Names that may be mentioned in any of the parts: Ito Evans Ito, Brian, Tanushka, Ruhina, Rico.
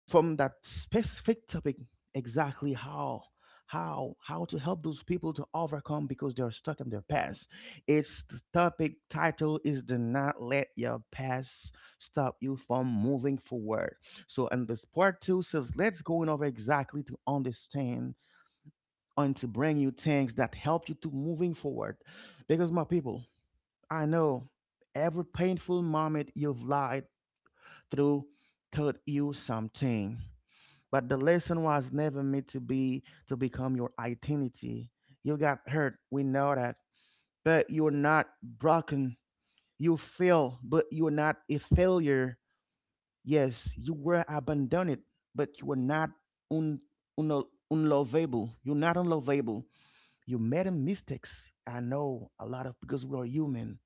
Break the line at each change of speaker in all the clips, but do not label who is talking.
from that specific topic exactly how how to help those people to overcome because they're stuck in their past. It's the topic title is do not let your past stop you from moving forward. So in this part two says let's go in over exactly to understand and to bring you things that help you to moving forward. Because my people, I know every painful moment you've lied through taught you something. But the lesson was never meant to be to become your identity. You got hurt, we know that. But you're not broken. You fail, but you're not a failure. Yes, you were abandoned, but you were not un, unlovable. You're not unlovable. You made a mistakes. I know a lot of because we are human.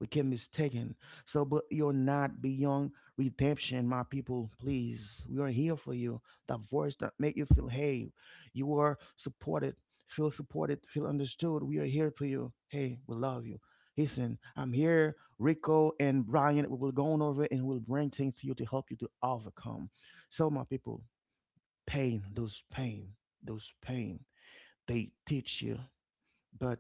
We can mistaken. So, but you're not beyond redemption, my people. Please, we are here for you. That voice that make you feel, hey, you are supported. Feel supported. Feel understood. We are here for you. Hey, we love you. Listen, I'm here, Rico and Brian. We will go on over and we'll bring things to you to help you to overcome. So, my people, pain, those pain, they teach you. But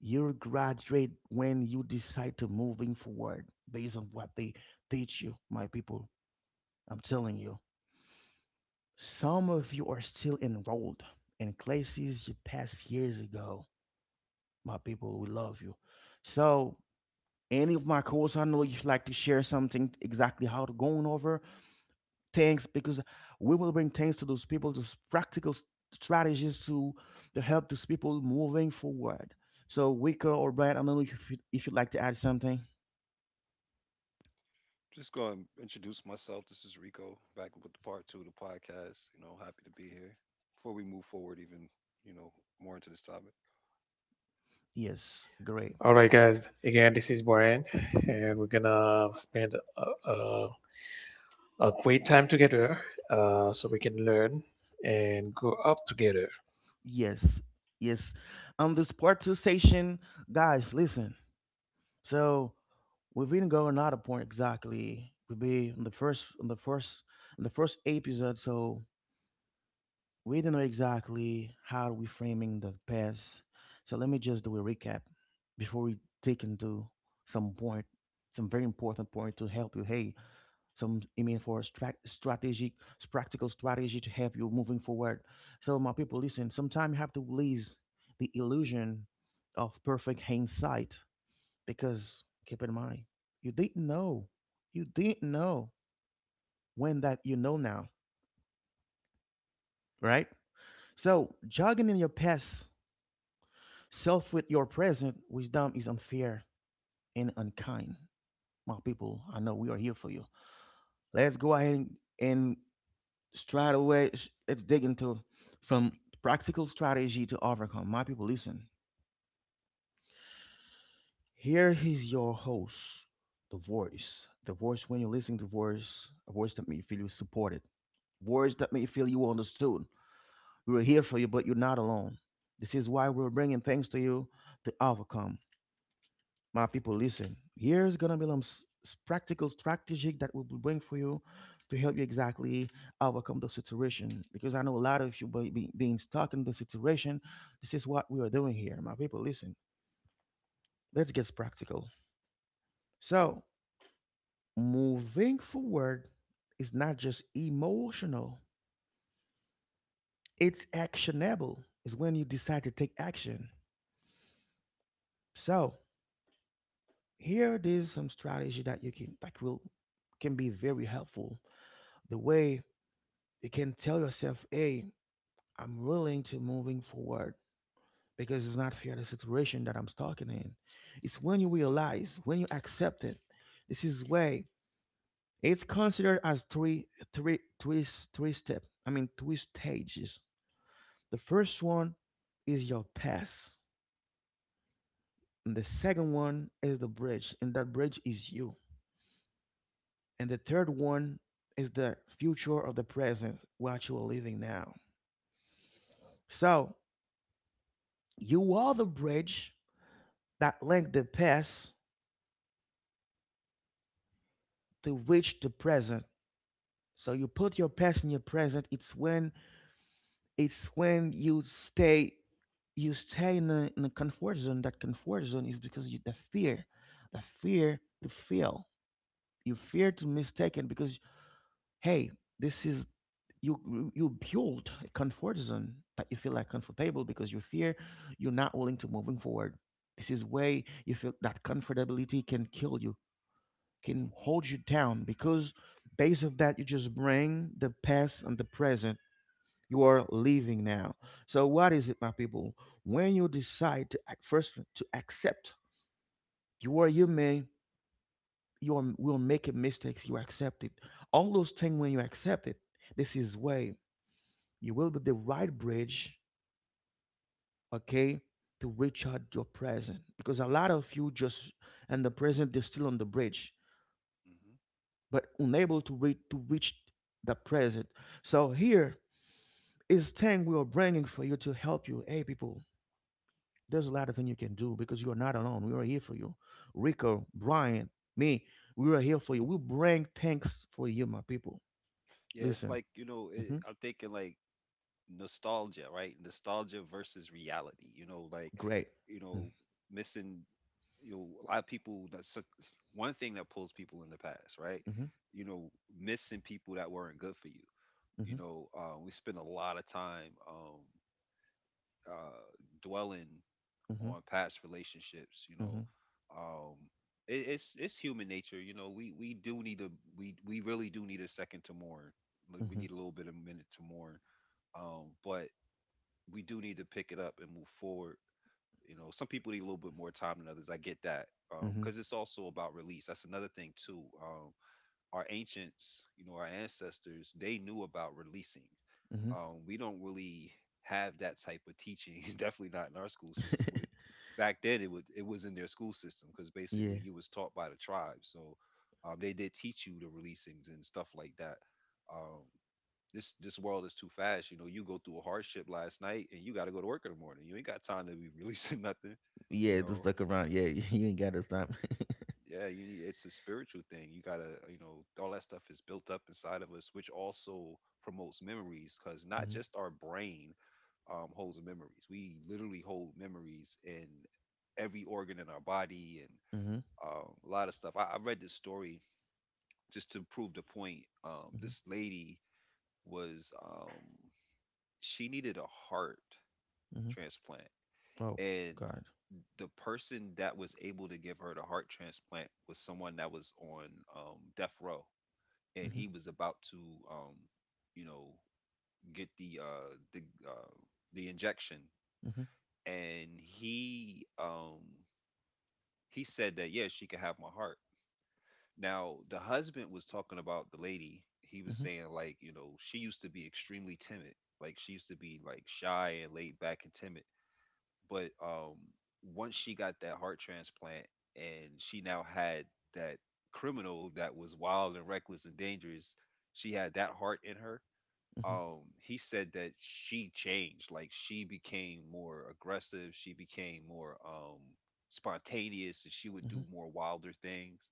you graduate when you decide to moving forward based on what they teach you, my people. I'm telling you, some of you are still enrolled in classes you passed years ago. My people, we love you. So any of my course, I know you'd like to share something exactly how to going over things, because we will bring things to those people, those strategies to help those people moving forward. So Wicca or Brad, I don't know if you if you'd like to add something.
Just go and introduce myself. This is Rico, back with part two of the podcast. Happy to be here. Before we move forward, even you know more into this topic.
Yes, great.
All right, guys. Again, this is Brian, and we're gonna spend a, a great time together, so we can learn and grow up together.
Yes, yes. On this part two station, guys, listen. So we've been going out of point exactly. We'll be on on the first episode. So we didn't know exactly how we framing the past. So let me just do a recap before we take into some point, some very important point to help you. Hey, some email for strategic practical strategy to help you moving forward. So my people, listen, sometimes you have to release the illusion of perfect hindsight, because keep in mind you didn't know you didn't know when that you know now, right? So jogging in your past self with your present wisdom is unfair and unkind. My people, I know we are here for you. Let's go ahead and straight away let's dig into some practical strategy to overcome. My people, listen, here is your host, the voice when you listen to voice, a voice that may feel you supported, voice that may feel you understood. We're here for you, but you're not alone. This is why we're bringing things to you to overcome. My people, listen. Here's gonna be some practical strategy that we will bring for you to help you exactly overcome the situation. Because I know a lot of you being stuck in the situation. This is what we are doing here, my people. Listen. Let's get practical. So moving forward is not just emotional; it's actionable. It's when you decide to take action. So here it is some strategy that you can that will can be very helpful. The way you can tell yourself, hey, I'm willing to moving forward because it's not fair the situation that I'm stuck in. It's when you realize, when you accept it, this is way it's considered as three step. I mean three stages. The first one is your past. And the second one is the bridge, and that bridge is you. And the third one is the future of the present, what you are living now. So you are the bridge that link the past to reach the present. So you put your past in your present. It's when it's when you stay in a comfort zone. That comfort zone is because you the fear to fail. You fear to mistaken because hey, this is you build a comfort zone that you feel like comfortable because you fear you're not willing to moving forward. This is way you feel that comfortability can kill you, can
Hmm.
hold you down because based of that you just bring the past and the present you are living now. So what is it, my people, when you decide to act first to accept you are human, will make mistakes, you accept it, all those things. When you accept it, this is way you will be the right bridge, okay, to reach out your present because a lot of you just and the present they're still on the bridge
Hmm.
but unable to reach the present. So here is 10 we are bringing for you to help you. Hey, people, there's a lot of things you can do because you are not alone. We are here for you. Rico, Brian, me, we are here for you. We bring thanks for you, my people.
Yeah, it's
Listen,
like
hmm,
I'm thinking like nostalgia, right? Nostalgia versus reality.
great.
You know, missing. A lot of people. One thing that pulls people in the past, right?
Mm-hmm.
You know, missing people that weren't good for you.
Hmm.
We spend a lot of time uh, dwelling
Hmm.
on past relationships.
Hmm.
Um, it's human nature. We do need a we really do need a second to mourn. Like, we
Hmm.
need a little bit of a minute to mourn. But we do need to pick it up and move forward. You know, some people need a little bit more time than others. I get that
Hmm.
because it's also about release. That's another thing too. Our ancients, our ancestors, they knew about releasing.
Hmm.
We don't really have that type of teaching. Definitely not in our school system. With back then, it was in their school system because
Yeah,
basically you was taught by the tribe. So they did teach you the releasings and stuff like that. Um, this world is too fast. You know, you go through a hardship last night and you got to go to work in the morning. You ain't got time to be releasing nothing. You
yeah,
know,
just look around. Yeah, you ain't got this time.
yeah, you need, it's a spiritual thing. You gotta, all that stuff is built up inside of us, which also promotes memories. Because not
Hmm.
just our brain holds memories. We literally hold memories in every organ in our body. And
Hmm.
a lot of stuff, I read this story just to prove the point.
Hmm.
This lady was she needed a heart
Hmm.
transplant.
Oh,
And
God.
the person that was able to give her the heart transplant was someone that was on death row, and
Hmm.
he was about to um you know get the the uh the injection.
Hmm.
And he said that yeah, she could have my heart. Now the husband was talking about the lady. He was saying like, you know, she used to be extremely timid. Like, she used to be like shy and laid back and timid. But once she got that heart transplant and she now had that criminal that was wild and reckless and dangerous, she had that heart in her.
Hmm.
He said that she changed. Like, she became more aggressive. She became more spontaneous, and she would
Hmm.
do more wilder things.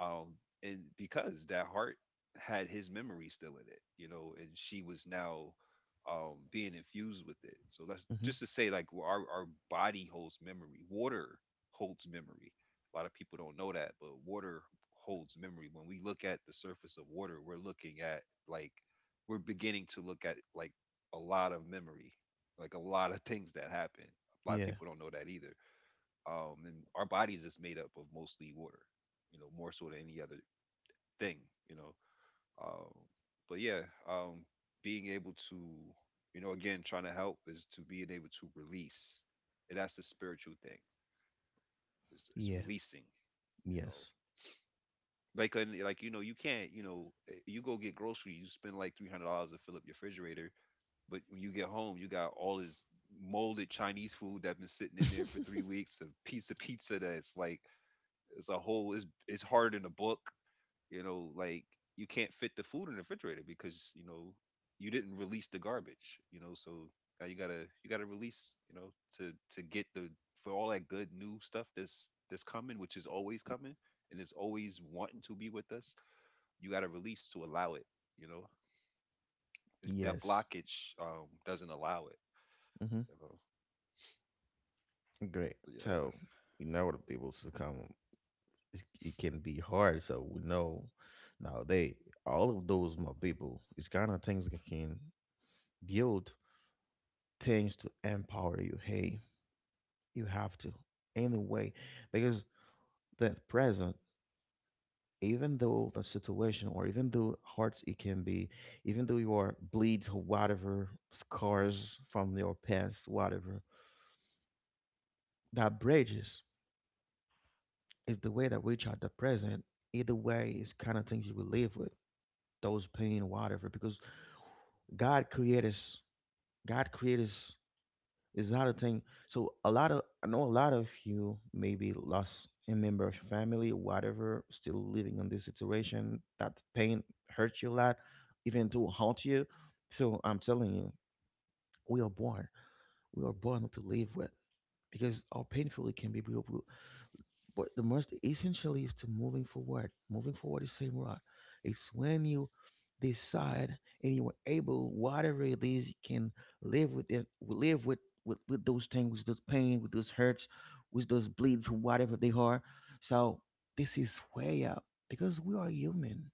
um and because that heart had his memory still in it, you know, and she was now being infused with it. So that's
Hmm.
just to say like our body holds memory. Water holds memory. A lot of people don't know that, but water holds memory. When we look at the surface of water, we're looking at like, we're beginning to look at like a lot of memory, like a lot of things that happen. A lot of
Yeah.
people don't know that either. And our bodies is made up of mostly water. You know, more so than any other thing. you know um but yeah. um being able to, you know, again trying to help is to being able to release. And that's the spiritual thing. It's
Yeah.
releasing. You know,
Yes.
like and like, you know, you can't, you know, you go get groceries. You spend like $300 to fill up your refrigerator. But when you get home, you got all this molded chinese food that's been sitting in there for three weeks a piece of pizza that's like as a whole is hard in a book. You know, like you can't fit the food in the refrigerator because, you know, you didn't release the garbage. You know, so now you gotta release. You know, to get the, for all that good new stuff that's coming, which is always coming and is always wanting to be with us. You gotta release to allow it. You know, if that
Yes.
blockage doesn't allow it.
Hmm.
You know,
Great.
yeah.
So we know the people succumb. It's, it can be hard. So we know now they all of those my people. It's kind of things that can build things to empower you. Hey, you have to anyway because that present, even though the situation or even though hard it can be, even though you are bleeds or whatever scars from your past whatever, that bridges is the way that we try the present. Either way it's kind of things you will live with those pain whatever, because god created us god created us. It's not a thing. So a lot of, I know a lot of you maybe lost a member of your family, whatever, still living in this situation. That pain hurts you a lot, even to haunt you. So I'm telling you, we are born. We are born to live with because how painful it can be. We but the most essential is to moving forward. Moving forward is same route. It's when you decide and you are able, whatever it is, you can live with it, live with those things, with those pain, with those hurts, with those bleeds, whatever they are. So this is way up because we are human.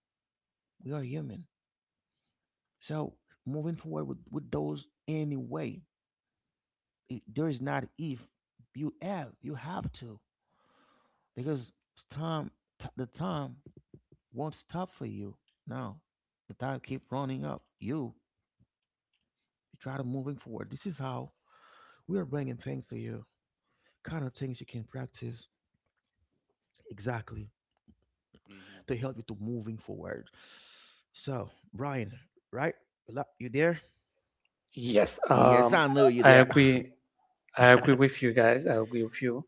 We are human. So moving forward with those anyway, it, there is not if you have, you have to because time, the time won't stop for you. Now, the tide keep running up. You try to moving forward. This is how we are bringing things to you. Kind of things you can practice exactly
Hmm.
to help you to moving forward. So, Brian, right? Yep, you there?
Yes,
Yes, I know you
I
there.
agree.
Mm-hmm.
I agree with you guys. I agree with you,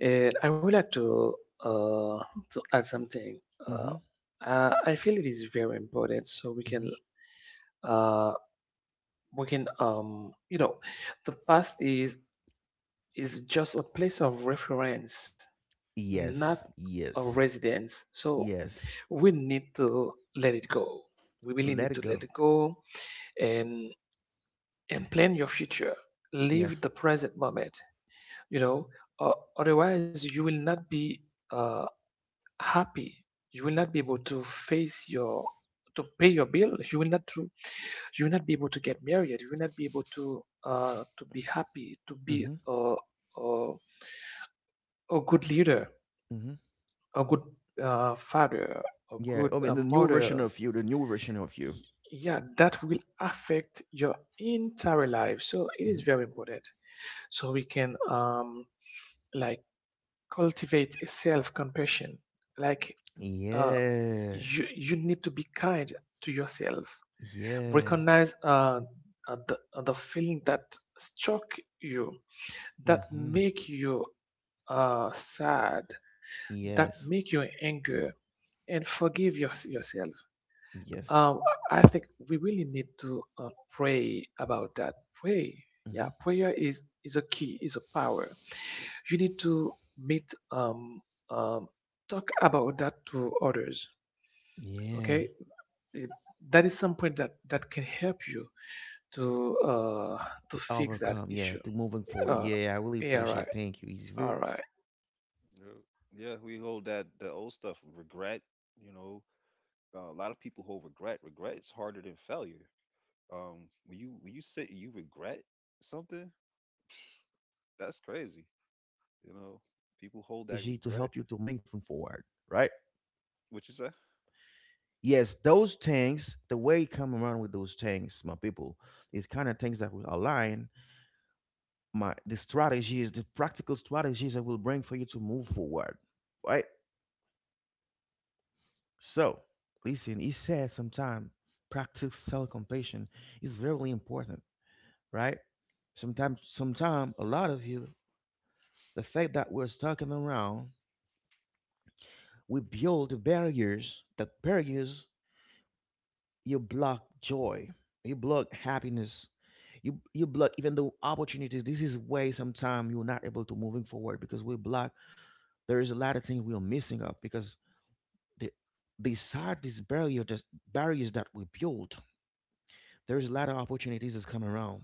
and I would like uh to add something. Uh,
Mm-hmm.
I feel it is very important, so
Mm-hmm.
uh we can you know, the past is just a place of reference not
Yes,
a
yes,
residence. So
yes.
we need to let it go. We really
Let
need
it
to let
go.
it go and and plan your future.
Yeah.
Live the present moment. You know, otherwise you will not be uh, happy. You will not be able to face your to pay your bill. You will not to you will not be able to get married. You will not be able to be happy, to be
Mm-hmm.
a, a good leader,
Mm-hmm.
a good father, a
Yeah. I
good
mean, the new version
mother,
of you, the new version of you.
y- yeah, that will affect your entire life. So it is very important. So we can like cultivate a self compassion. Like
Mm-hmm.
uh,
Yeah.
you, you need to be kind to yourself.
Yeah.
Recognize the feeling that struck you, that
Mm-hmm.
make you sad, that
Yes.
make you angry and forgive your, yourself.
Yes.
Um, I think we really need to pray about that. Pray,
Mm-hmm.
yeah, prayer is a key, is a power. You need to meet, um, talk about that to others.
Yeah.
Okay, It- that is some point that that can help you to uh, to
To
fix that
overcome. Yeah.
issue.
To moving forward.
Uh,
Yeah. I really
yeah,
appreciate.
right,
Thank you.
all right.
It's very powerful
Hmm.
what you were
Yeah,
saying.
we
What you
hold
come
that
around.
the old
It's
stuff
kind of thing. It's
regret.
kind of you bring a
You
thing on
know,
the table.
a lot of
It's like
people
you're
hold
bringing
regret.
food
Regret is harder than
on the poor,
failure.
on the people, on the poor people
When you
table. You know
sit
what
and
I'm
you
saying?
regret
It's
something,
things that you come on here
that's
will
crazy.
align
You
with
know,
those practical
people hold that
strategy to
regret.
help you to move forward. Right.
What you say? Of
Yes, those tanks, the way it come around with those tanks, my people, is kind of things that will align my the strategies, the practical strategies that will bring for you to move forward. Right? So, listen, he said sometimes practice self-compassion is very important, right? Sometime a lot of you, the fact that we're stuck in the round, we build the barriers, that barriers, you block joy, you block happiness, you block even the opportunities. This is why sometimes you're not able to moving forward because we block, there is a lot of things we're missing up because the beside these barrier, that barriers that we build, there's a lot of opportunities that's coming around.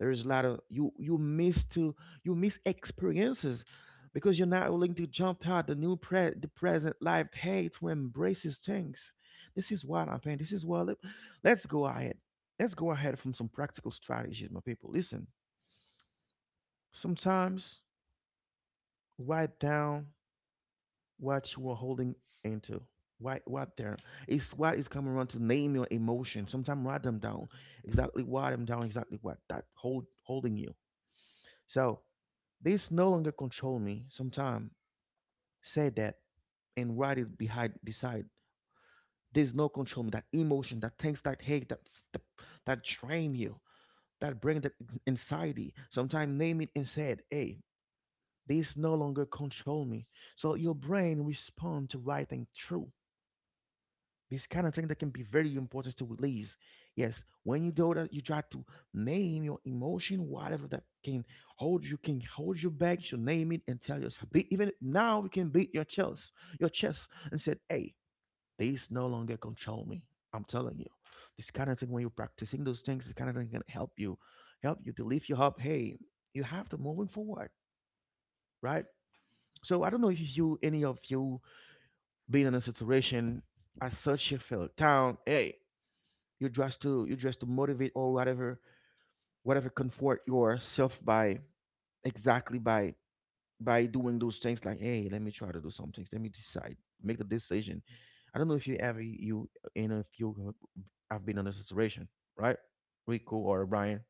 There is a lot of you, you miss to, you miss experiences because you're not willing to jump out the new pre the present life hates to embrace these things. This is what I'm saying. This is what let's go ahead. Let's go ahead from some practical strategies, my people. Listen, sometimes write down what you are holding into. Why, what there? It's what is coming around to name your emotion. Sometimes write them down. Exactly write them down. Exactly what that hold holding you. So this no longer control me. Sometimes say that and write it behind beside. There's no control me. That emotion, that things that hate, that, that drain you, that bring that anxiety. Sometimes name it and say it. Hey, this no longer control me. So your brain respond to writing true. This kind of thing that can be very important to release. Yes, when you do that, you try to name your emotion, whatever that can hold you back. You name it and tell yourself. Be, even now, you can beat your chest, and said, "Hey, these no longer control me." I'm telling you, this kind of thing. When you're practicing those things, this kind of thing can help you to lift you up. Hey, you have to moving forward, right? So I don't know if you, any of you, been in a situation as such you felt down. Hey, you just to motivate or whatever whatever comfort yourself by exactly by doing those things like, hey, let me try to do some things, let me decide, make the decision. I don't know if you ever you know if you have been in a situation, right? Rico or Brian?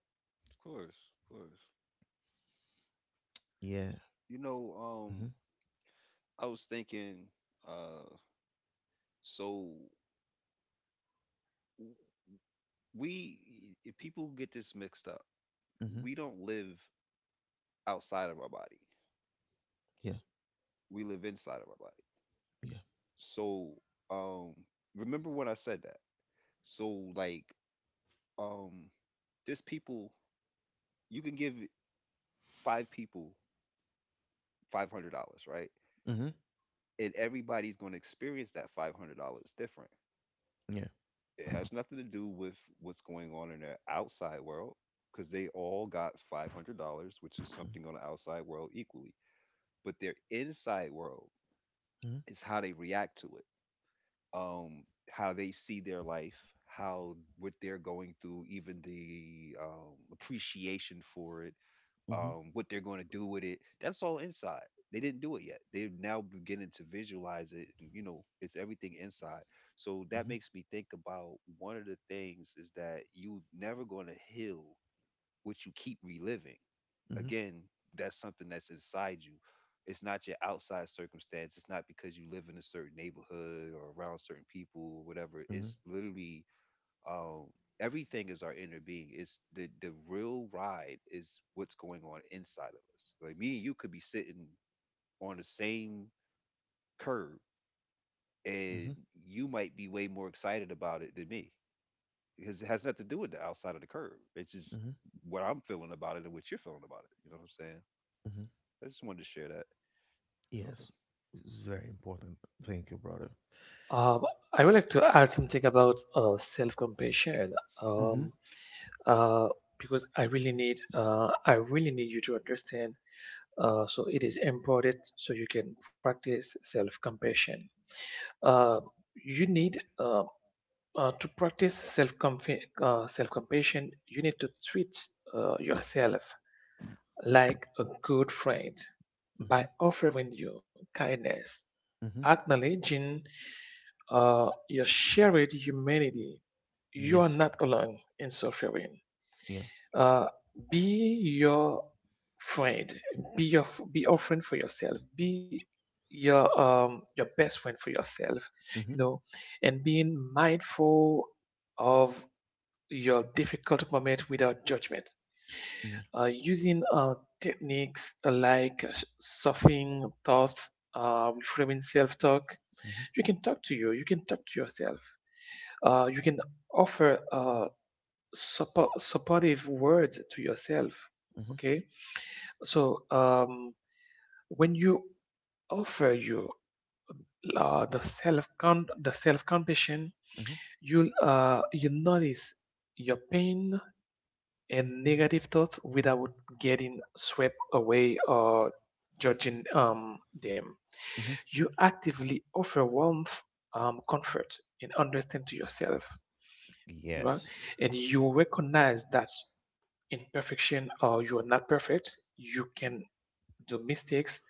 course, of course.
Yeah.
You know, um,
Mm-hmm,
I was thinking, uh, so w- we, if people get this mixed up.
mm-hmm,
We don't live outside of our body.
yeah,
We live inside of our body.
yeah.
So, um, remember when I said that? So, like, um, there's people. You can give five people $500, right?
Hmm.
And everybody's going to experience that $500 different.
Yeah.
It has nothing to do with what's going on in their outside world because they all got $500, which is something on the outside world equally. But their inside world
hmm hmm
is how they react to it, um, how they see their life, how what they're going through, even the appreciation for it,
hmm
what they're going to do with it. That's all inside. They didn't do it yet. They're now beginning to visualize it. You know, it's everything inside. So
hmm
that makes me think about one of the things is that you never going to heal what you keep reliving.
hmm
Again, that's something that's inside you. It's not your outside circumstance. It's not because you live in a certain neighborhood or around certain people or whatever. It's literally, um, everything is our inner being. It's the real ride is what's going on inside of us. Like me and you could be sitting on the same curb,
hmm
and you might be way more excited about it than me because it has nothing to do with the outside of the curb. It's just
hmm
what I'm feeling about it and what you're feeling about it. You know what I'm saying?
hmm
I just wanted to share that. You
yes,
know.
it's very important. Thank you, brother.
Um, I would like to add something about self-compassion,
hmm
um, uh, because I really need you to understand. So it is important so you can practice self-compassion. Uh, you need to practice self self-compassion. You need to treat yourself like a good friend
hmm
by offering you kindness
hmm
acknowledging your shared humanity. You are
yes.
not alone in suffering.
Yeah.
Uh, be your friend. Be your be a friend for yourself. Be your best friend for yourself.
Mm-hmm.
You know, and being mindful of your difficult moment without judgment.
Yeah.
Using techniques like softening thoughts, reframing self talk,
Mm-hmm.
you can talk to you, you can talk to yourself. You can offer support, supportive words to yourself.
Mm-hmm.
Okay, so when you offer you the the self compassion,
Mm-hmm.
you'll you notice your pain and negative thoughts without getting swept away or judging them.
Mm-hmm.
You actively offer warmth, comfort, and understanding to yourself, you know,
Yes.
and you recognize that imperfection or you are not perfect. You can do mistakes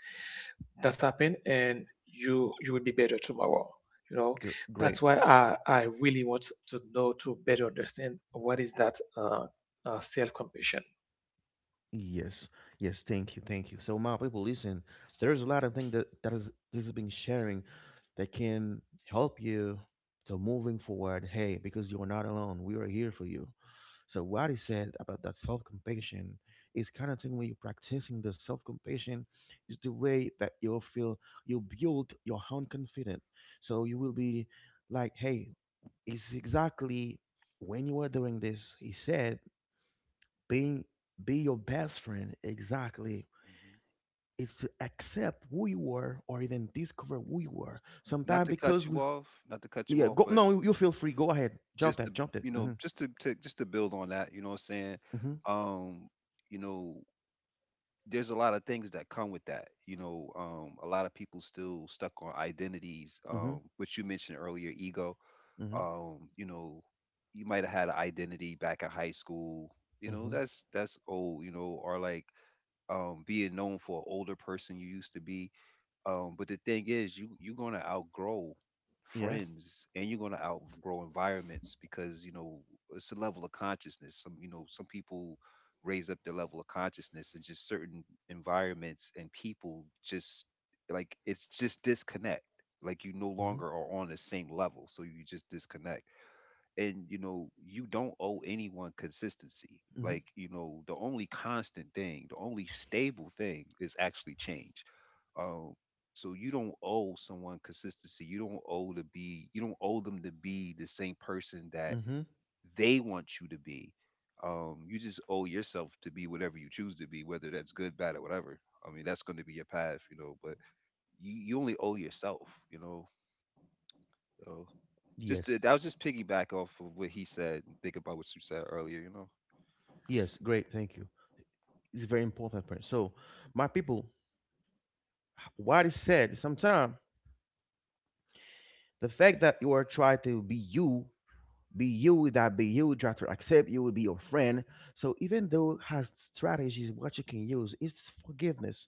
that happen, and you will be better tomorrow. You know,
Gr- great.
that's why I really want to know to better understand what is that self compassion.
Yes. Yes. Thank you. Thank you. So, my people, listen. There's a lot of things that is this has been sharing that can help you to moving forward. Hey, because you are not alone. We are here for you. So, what he said about that self compassion is kind of thing when you're practicing the self compassion is the way that you feel you build your own confidence. So you will be like, hey, is exactly when you are doing this, he said, being be your best friend exactly
Mhm.
is to accept who you are or even discover who you are.
Not
Sometimes
to cut
because
you
we
off, not to cut you
yeah,
off,
go
but
no, you feel free. Go ahead. Jump
just
that,
to,
jump it.
you
Mm-hmm.
know, just to just to build on that. You know what I'm saying?
Mm-hmm.
Um, you know, there's a lot of things that come with that, you know, a lot of people still stuck on identities,
Mm-hmm.
which you mentioned earlier, ego.
Mm-hmm.
You know, you might have had an identity back in high school, you know.
Mm-hmm.
That's old. You know, or like being known for an older person you used to be. But the thing is, you're gonna outgrow
Yeah.
friends and you're gonna outgrow environments because, you know, it's a level of consciousness. Some, you know, some people raise up their level of consciousness, and just certain environments and people just, like, it's just disconnect. Like, you no
Mm-hmm.
longer are on the same level, so you just disconnect. And you know, you don't owe anyone consistency.
Mm-hmm.
Like, you know, the only constant thing, the only stable thing is actually change. um so you don't owe someone consistency. You don't owe to be, you don't owe them to be the same person that
Mm-hmm.
they want you to be. You just owe yourself to be whatever you choose to be, whether that's good, bad, or whatever. I mean, that's going to be your path, you know. But you only owe yourself, you know. So just
Yes.
to, that was just piggyback off of what he said. And think about what you said earlier. You know,
Yes. Great. Thank you. It's very important point. So my people, what is said sometimes the fact that you are trying to be you, be you, that be you try to accept, you will be your friend. So even though it has strategies what you can use, it's forgiveness.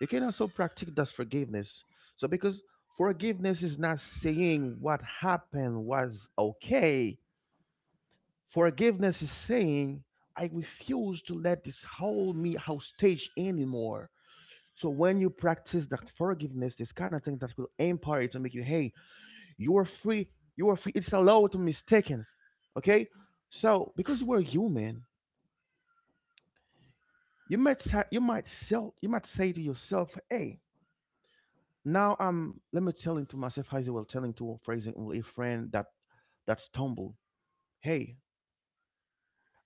You can also practice that forgiveness. So because forgiveness is not saying what happened was okay, forgiveness is saying, I refuse to let this hold me hostage anymore. So when you practice that forgiveness, this kind of thing that will empower you to make you, hey, you are free. You are free. It's allowed to mistaken. Okay? So because you are human, you might sa- you might sell you might say to yourself, hey, now I'm let me telling to myself as well, telling to for example a friend that that stumbled. Hey,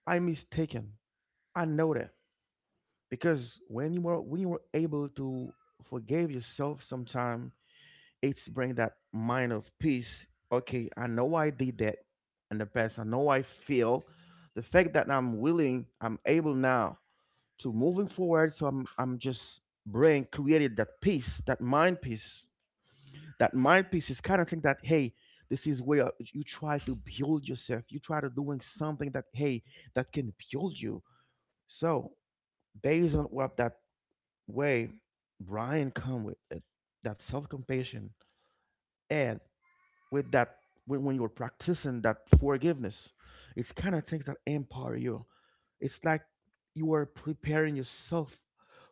I am mistaken. I know that. Because when you were able to forgive yourself sometime it's bring that mind of peace. Okay, I know I did that in the past. I know I feel the fact that I'm willing, I'm able now to moving forward. So I'm just brain created that peace, that mind peace. That mind peace is kind of thing that, hey, this is where you try to build yourself. You try to doing something that hey that can build you. So based on what that way Brian come with it, that self compassion and with that when you're practicing that forgiveness, it's kind of things that empower you. It's like you are preparing yourself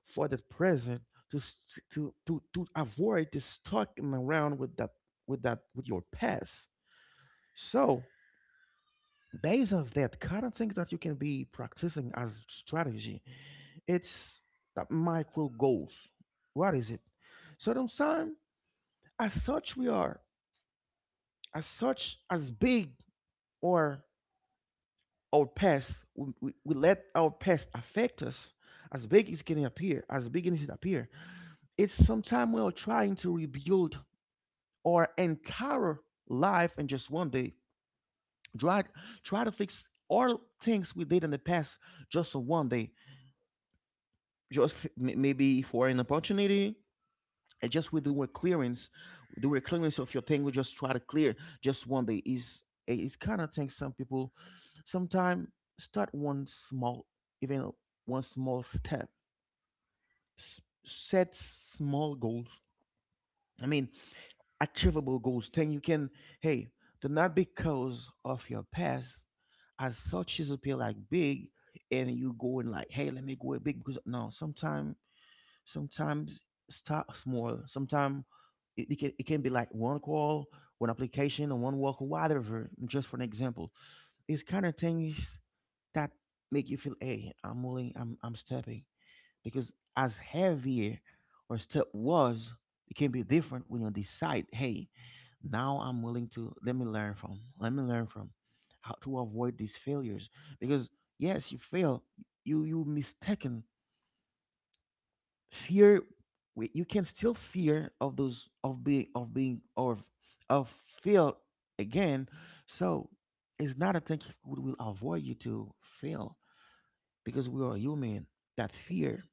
for the present to s- to avoid this stalking around with that with your past. So based on that kind of things that you can be practicing as strategy, it's that micro goals. What is it? So sometimes as such we are as such as big or our past, we let our past affect us as big as it can appear, as big as it appear. It's sometime we are trying to rebuild our entire life in just one day. Try, try to fix all things we did in the past just on one day. Just f- m- maybe for an opportunity, and just with the word clearance of your thing we just try to clear just one day. Is it's kind of thing some people sometime start one small, even one small step, s- set small goals. I mean, achievable goals. Then you can, hey, the not because of your past as such is appear like big, and you going like, hey, let me go big, because no, sometimes start small. Sometimes it can be like one call, one application, or one walk or whatever. Just for an example, it's kind of things that make you feel, hey, I'm willing, I'm stepping. Because as heavier or step was, it can be different when you decide, hey, now I'm willing to, let me learn from, let me learn from how to avoid these failures. Because yes, you fail, you mistaken fear, we- you can still fear of those of being or of fail again. So it's not a thing we will avoid you to fail, because we are human, that fear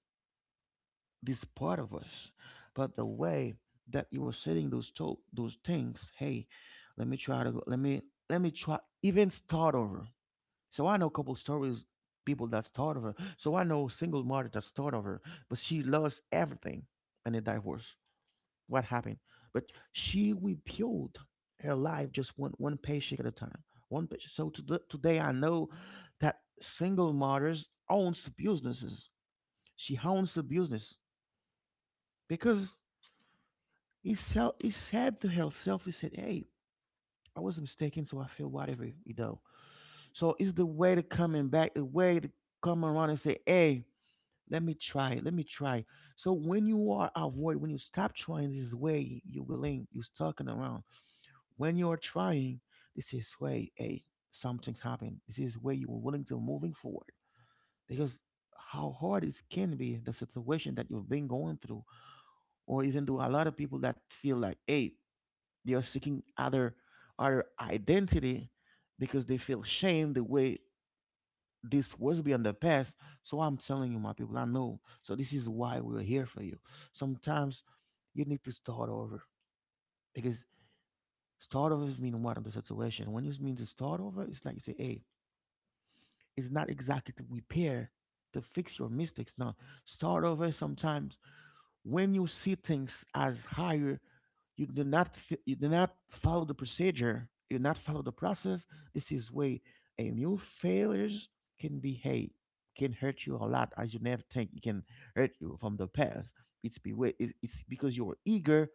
this part of us. But the way that you are setting those to- those things, hey, let me try to go, let me try even start over. So I know couple stories, people that's thought of her. So I know single mother that's thought of her, but she lost everything and a divorced. What happened? But she rebuilt her life just one paycheck at a time. One paycheck. So to the, today I know that single mothers owns the businesses. She owns the business because he sell he said to herself, he said, "Hey, I was mistaken, so I feel whatever you know." So it's the way to coming back, the way to come around and say, "Hey." Let me try. Let me try. So when you are avoid, when you stop trying this is way, you willing, you stalking around. When you are trying, this is way, hey, something's happened. This is where you are willing to moving forward. Because how hard it can be the situation that you've been going through, or even to a lot of people that feel like, hey, they are seeking other identity because they feel shame the way this was beyond the past. So I'm telling you, my people, I know. So this is why we're here for you. Sometimes you need to start over, because start over means what in the situation. When you mean to start over, it's like you say, hey, it's not exactly to repair, to fix your mistakes. No, start over sometimes when you see things as higher, you do not f- you do not follow the procedure. You do not follow the process. This is way a new failures can be, hey, can hurt you a lot as you never think it can hurt you from the past. It's be way it- it's because you're eager,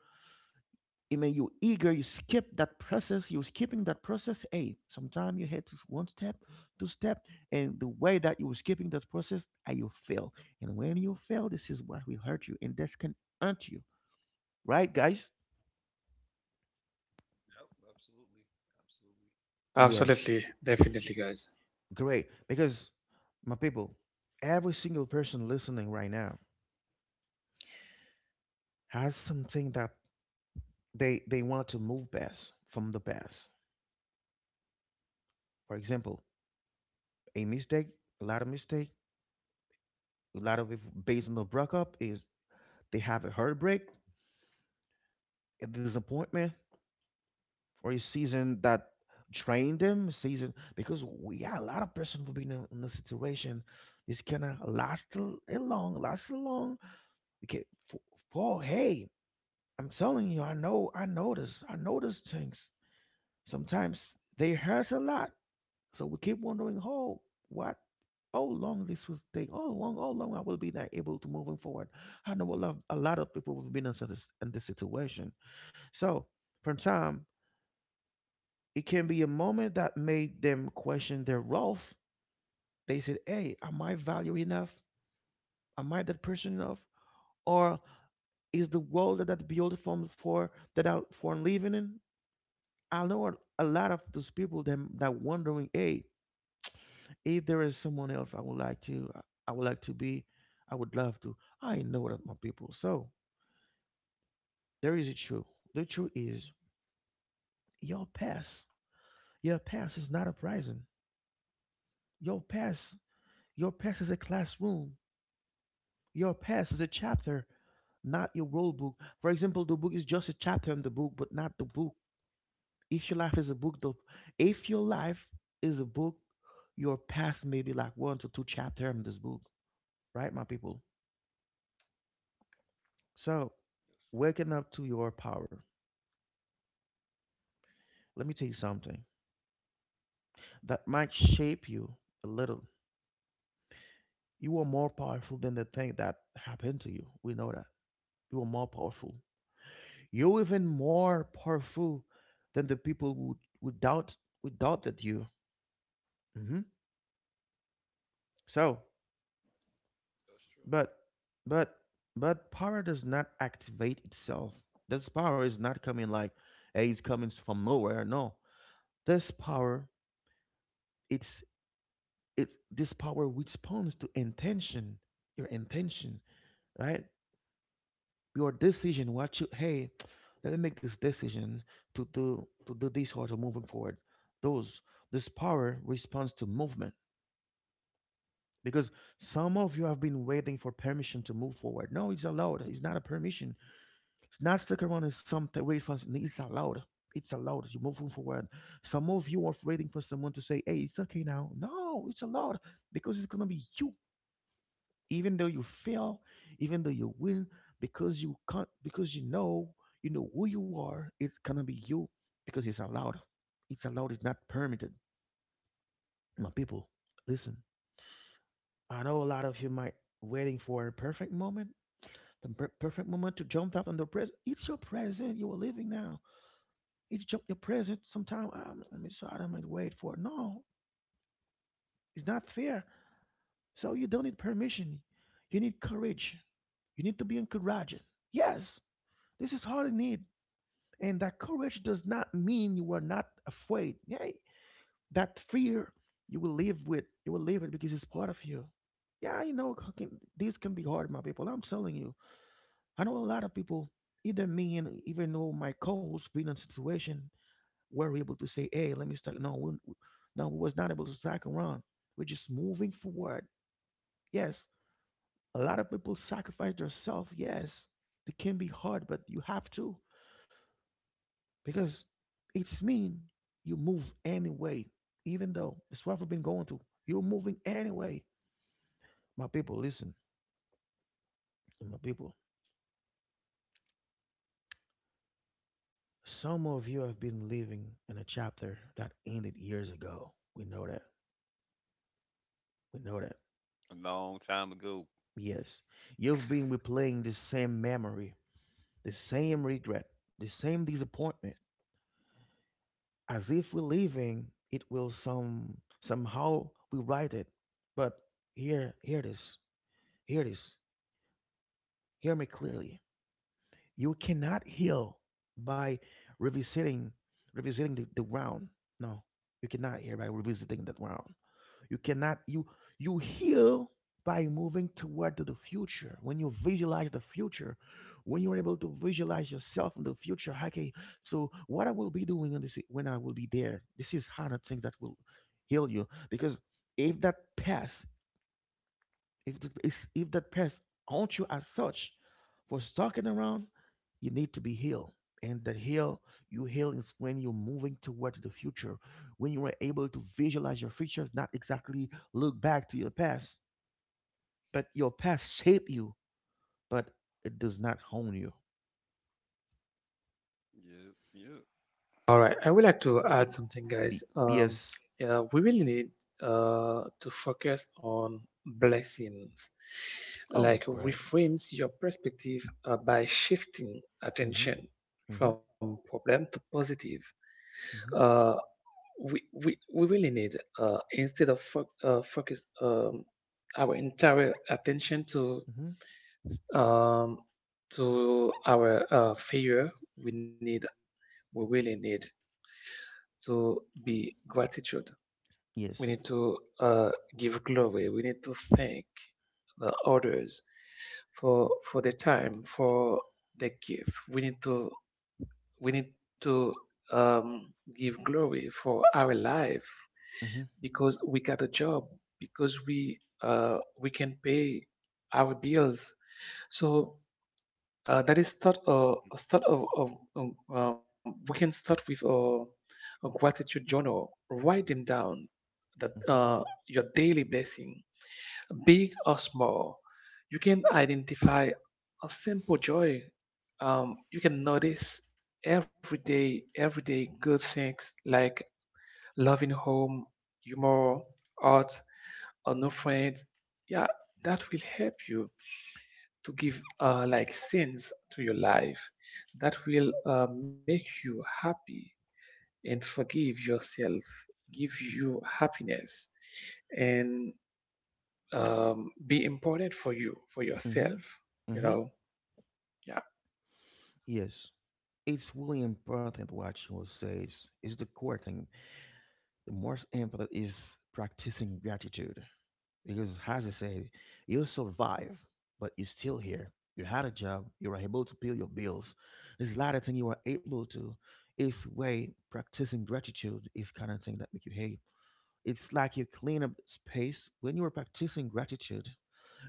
I mean, you eager, you skip that process, you skipping that process. Hey, sometimes you had to one step, two step, and the way that you were skipping that process, and you fail. And when you fail, this is what will hurt you, and this can hurt you, right, guys?
yep, absolutely. Absolutely.
Yes,
Absolutely, definitely, guys.
great. Because my people, every single person listening right now has something that they want to move past from the past. For example, a mistake, a lot of mistake, a lot of it based on the breakup is they have a heartbreak, a disappointment or a season that drained them, season because we got a lot of person who've been in the situation, this cannot last l- a long last a long, okay, for hey, I'm telling you, I know, I notice things sometimes they hurt a lot. So we keep wondering, oh, what, how long this will take, how long I will be not able to moving forward. I know a lot of people who've been in in this situation. So from time, it can be a moment that made them question their worth. They said, "Hey, am I value enough? Am I that person enough? Or is the world that built from for that I for living in?" I know a lot of those people them that wondering, "Hey, if there is someone else I would like to be, I would love to." I know that my people. So there is a truth. The truth is your past. Your past is not a prison. Your past. Your past is a classroom. Your past is a chapter, not your rule book. For example, the book is just a chapter in the book, but not the book. If your life is a book, though, if your life is a book, your past may be like one to two chapter in this book, right, my people? So,
Yes, sir.
waking up to your power. Let me tell you something that might shape you a little. You are more powerful than the thing that happened to you. We know that. You are more powerful. You're even more powerful than the people who doubt who doubted you. hmm So,
That's true.
but but but power does not activate itself. This power is not coming like, hey, it's coming from nowhere. No, this power it's it this power responds to intention, your intention, right? Your decision. What you hey, let me make this decision to do this or to moving forward. Those this power responds to movement because some of you have been waiting for permission to move forward. No, it's allowed. It's not a permission. It's not stuck around in some territory. It's allowed. It's allowed. You're moving forward. Some of you are waiting for someone to say, "Hey, it's okay now." No, it's allowed because it's gonna be you. Even though you fail, even though you win, because you can't, because you know who you are. It's gonna be you because it's allowed. It's allowed. It's not permitted. My people, listen. I know a lot of you might waiting for a perfect moment. The perfect moment to jump out under present. It's your present. You are living now. Your present. Sometime let me sort them and wait for it. No, it's not fair. So you don't need permission. You need courage. You need to be encouraged. Yes, this is all you need. And that courage does not mean you are not afraid. Yeah, that fear you will live with. You will live it because it's part of you. Yeah, you know, this can be hard, my people. I'm telling you. I know a lot of people, either me and even though my coach been in a situation where we're able to say, hey, let me start. No, we, no, we was not able to stack around. We're just moving forward. Yes, a lot of people sacrifice themselves. Yes, it can be hard, but you have to because it's mean you move anyway. Even though it's what we've been going through, you're moving anyway. My people, listen, my people. Some of you have been living in a chapter that ended years ago. We know that. We know that.
A long time ago.
Yes. You've been replaying the same memory, the same regret, the same disappointment. As if we're leaving, it will somehow rewrite it. But here hear this. Hear this. Hear me clearly. You cannot heal by revisiting revisiting the ground. No. You cannot heal by revisiting the ground. You cannot you you heal by moving toward to the future. When you visualize the future, when you're able to visualize yourself in the future, okay. So what I will be doing on this when I will be there, this is how the things that will heal you. Because if that past if th- is- if that person haunts you as such for stalking around, you need to be healed. And that heal, you heal is when you're moving toward the future, when you are able to visualize your future, not exactly look back to your past, but your past shape you, but it does not hone you.
Yeah, yeah.
All right, I would like to add something, guys.
Yes.
Yeah, we really need to focus on blessings.
Oh,
Like,
great.
reframes your perspective by shifting
Mhm.
attention
Mhm.
from problem to positive.
Mhm.
Uh, we really need, instead of focus our entire attention
Mhm.
um, to our failure, we need, we really need to be gratitude. We
Yes.
need to give glory. We need to thank the others for the time, for the gift. We need to give glory for our life
Mhm.
because we got a job, because we can pay our bills. So That is start of we can start with a gratitude journal. Write them down, that
Mhm.
your daily blessing, big or small. You can identify a simple joy. You can notice every day good things like loving home, humor, art, a new friend. Yeah, that will help you to give like sense to your life that will make you happy and forgive yourself, give you happiness, and be important for you, for
Mhm.
yourself. You
Mhm.
know, yeah.
Yes. It's really important what you says. It's the core thing. The most important is practicing gratitude because, as I said, you survive, but you're still here. You had a job. You were able to pay your bills. There's a lot of things you were able to. It's way practicing gratitude is kind of thing that make you hate. It's like you clean up space when you are practicing gratitude.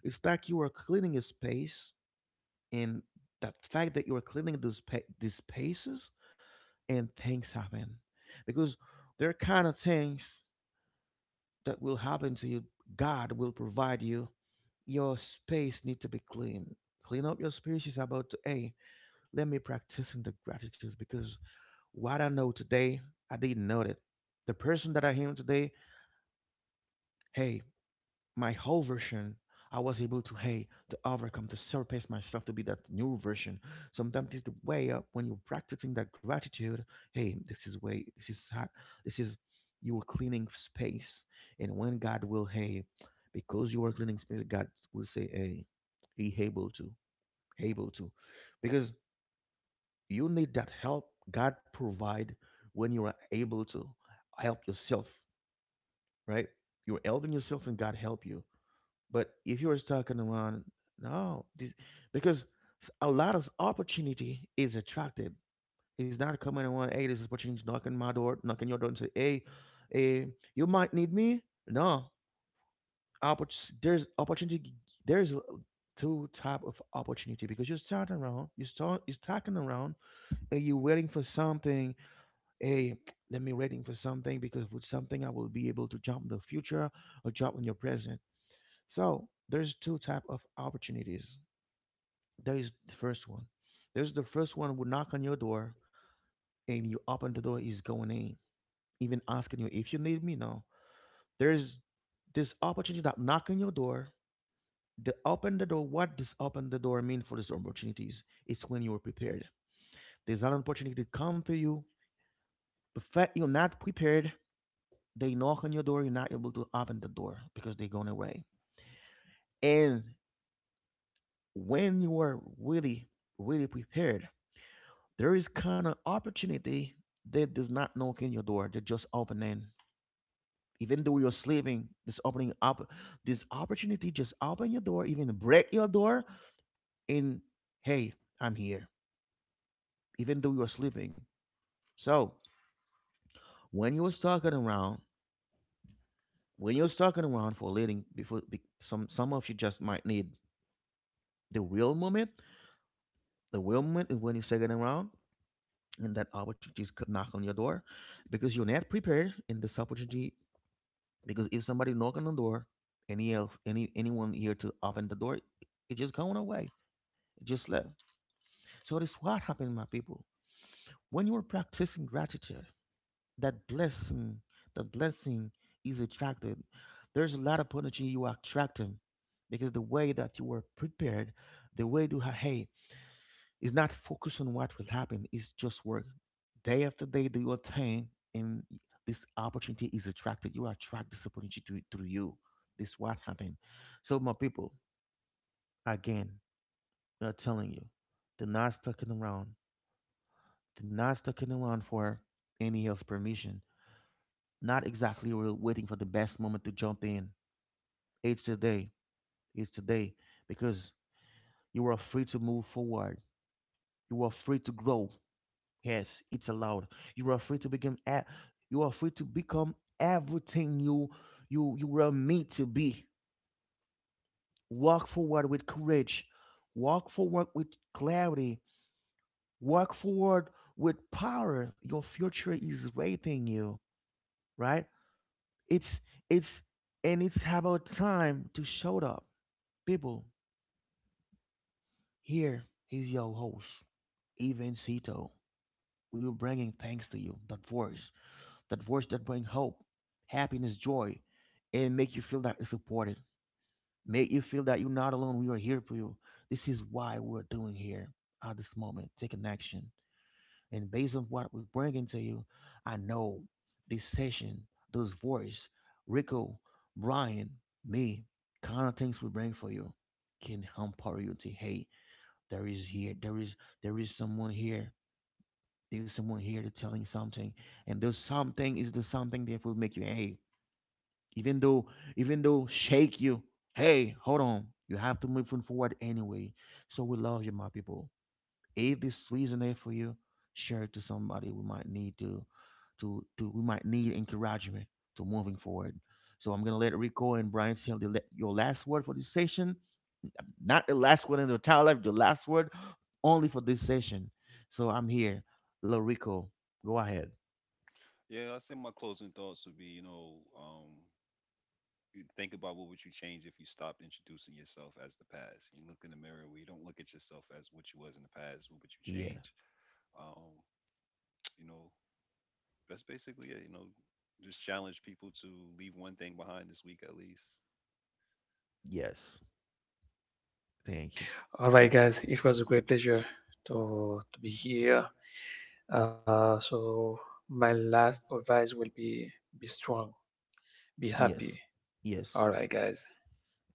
It's like you are cleaning a space, and that fact that you are cleaning these spaces and things happen because there are kind of things that will happen to you, god will provide you, your space need to be clean, clean up your space is about to hey, let me practice in the gratitude because what I know today, I didn't know it, the person that I am today, hey, my whole version, I was able to hey, to overcome, to surpass myself to be that new version. Sometimes it's the way up when you're practicing that gratitude. Hey, this is how, this is, you are cleaning space, and when god will hey, because you are cleaning space, god will say hey, he able to, able to because you need that help, god provide when you are able to help yourself, right? You're helping yourself and god help you. But if you were talking around, no, this, because a lot of opportunity is attracted. It's not coming around. Hey, this is opportunity knocking my door, knocking your door, and say, hey, eh, you might need me. No, there's opportunity. There's a- two type of opportunity because you're starting around, you're talking around, and you're waiting for something. Hey, let me waiting for something because with something I will be able to jump in the future or jump in your present, so there's two type of opportunities. There is the first one. There's the first one would knock on your door and you open the door, he's going in, even asking you if you need me. No, there's this opportunity that knock on your door. The open the door. What does open the door mean for these opportunities? It's when you are prepared. There's an opportunity to come to you. The fact you're not prepared, they knock on your door. You're not able to open the door because they're going away. And when you are really prepared, there is kind of opportunity that does not knock in your door. They are just opening, even though you're sleeping, this opening up, this opportunity just open your door, even break your door, and hey, I'm here. Even though you're sleeping. So when you was talking around, when you're talking around for leading, before be, some of you just might need the real moment. The real moment is when you're second around, and that opportunity is knock on your door because you're not prepared and this opportunity. Because if somebody knocking on the door, any else, anyone here to open the door, it just going away. It just left. So this what happened, my people. When you are practicing gratitude, that blessing, that blessing is attracted. There's a lot of opportunity you are attracting because the way that you were prepared, the way to ha- hey, it's not focused on what will happen. It's just work. Day after day, do your thing, and this opportunity is attracted. You attract this opportunity to you. This what happened. So, my people, again, I'm telling you, they're not sticking around. They're not sticking around for any else permission. Not exactly we're waiting for the best moment to jump in. It's today. It's today because you are free to move forward. You are free to grow. Yes, it's allowed. You are free to become a- you are free to become everything you were made to be. Walk forward with courage. Walk forward with clarity. Walk forward with power. Your future is waiting you, right? It's it's and it's about time to show up. People, here is your host, Even Sito. We're bringing thanks to you, that voice that bring hope, happiness, joy, and make you feel that you're supported. Make you feel that you're not alone. We are here for you. This is why we're doing here at this moment. Take an action. And based on what we're bringing to you, I know this session, those voice, Rico, Brian, me, kind of things we bring for you can empower you to hey, there is here, there is there is someone here, there is someone here to telling something, and those something is the something that will make you hey, even though even though shake you, hey, hold on, you have to move forward anyway. So we love you, my people. If this resonate for you, share it to somebody. We might need to, we might need encouragement to moving forward. So I'm gonna let Rico and Brian tell your last word for this session, not the last word in your entire life, the last word only for this session. So I'm here, little Rico, go ahead.
Yeah, I say my closing thoughts would be, you know, you think about what would you change if you stopped introducing yourself as the past. You look in the mirror where you don't look at yourself as what you was in the past, what would you
Yeah.
change? Um, you know, that's basically it, you know. Just challenge people to leave one thing behind this week at least.
Yes, thank you.
All right, guys, it was a great pleasure to be here. So, my last advice will be strong, be
Yes.
happy.
Yes.
All right, guys.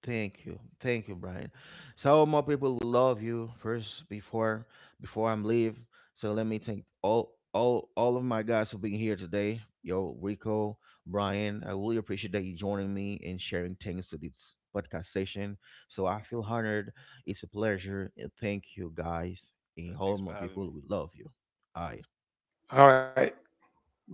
Thank you. Thank you, Brian. So more people will love you first before I'm leave. So let me thank all of my guys for being here today. Yo, Rico, Brian, I really appreciate that you joining me and sharing things to this podcast session. So I feel honored. It's a pleasure. And thank you guys.
Yeah,
And
thanks
all
for
my
having me.
people will love you. Aye.
All right, bye.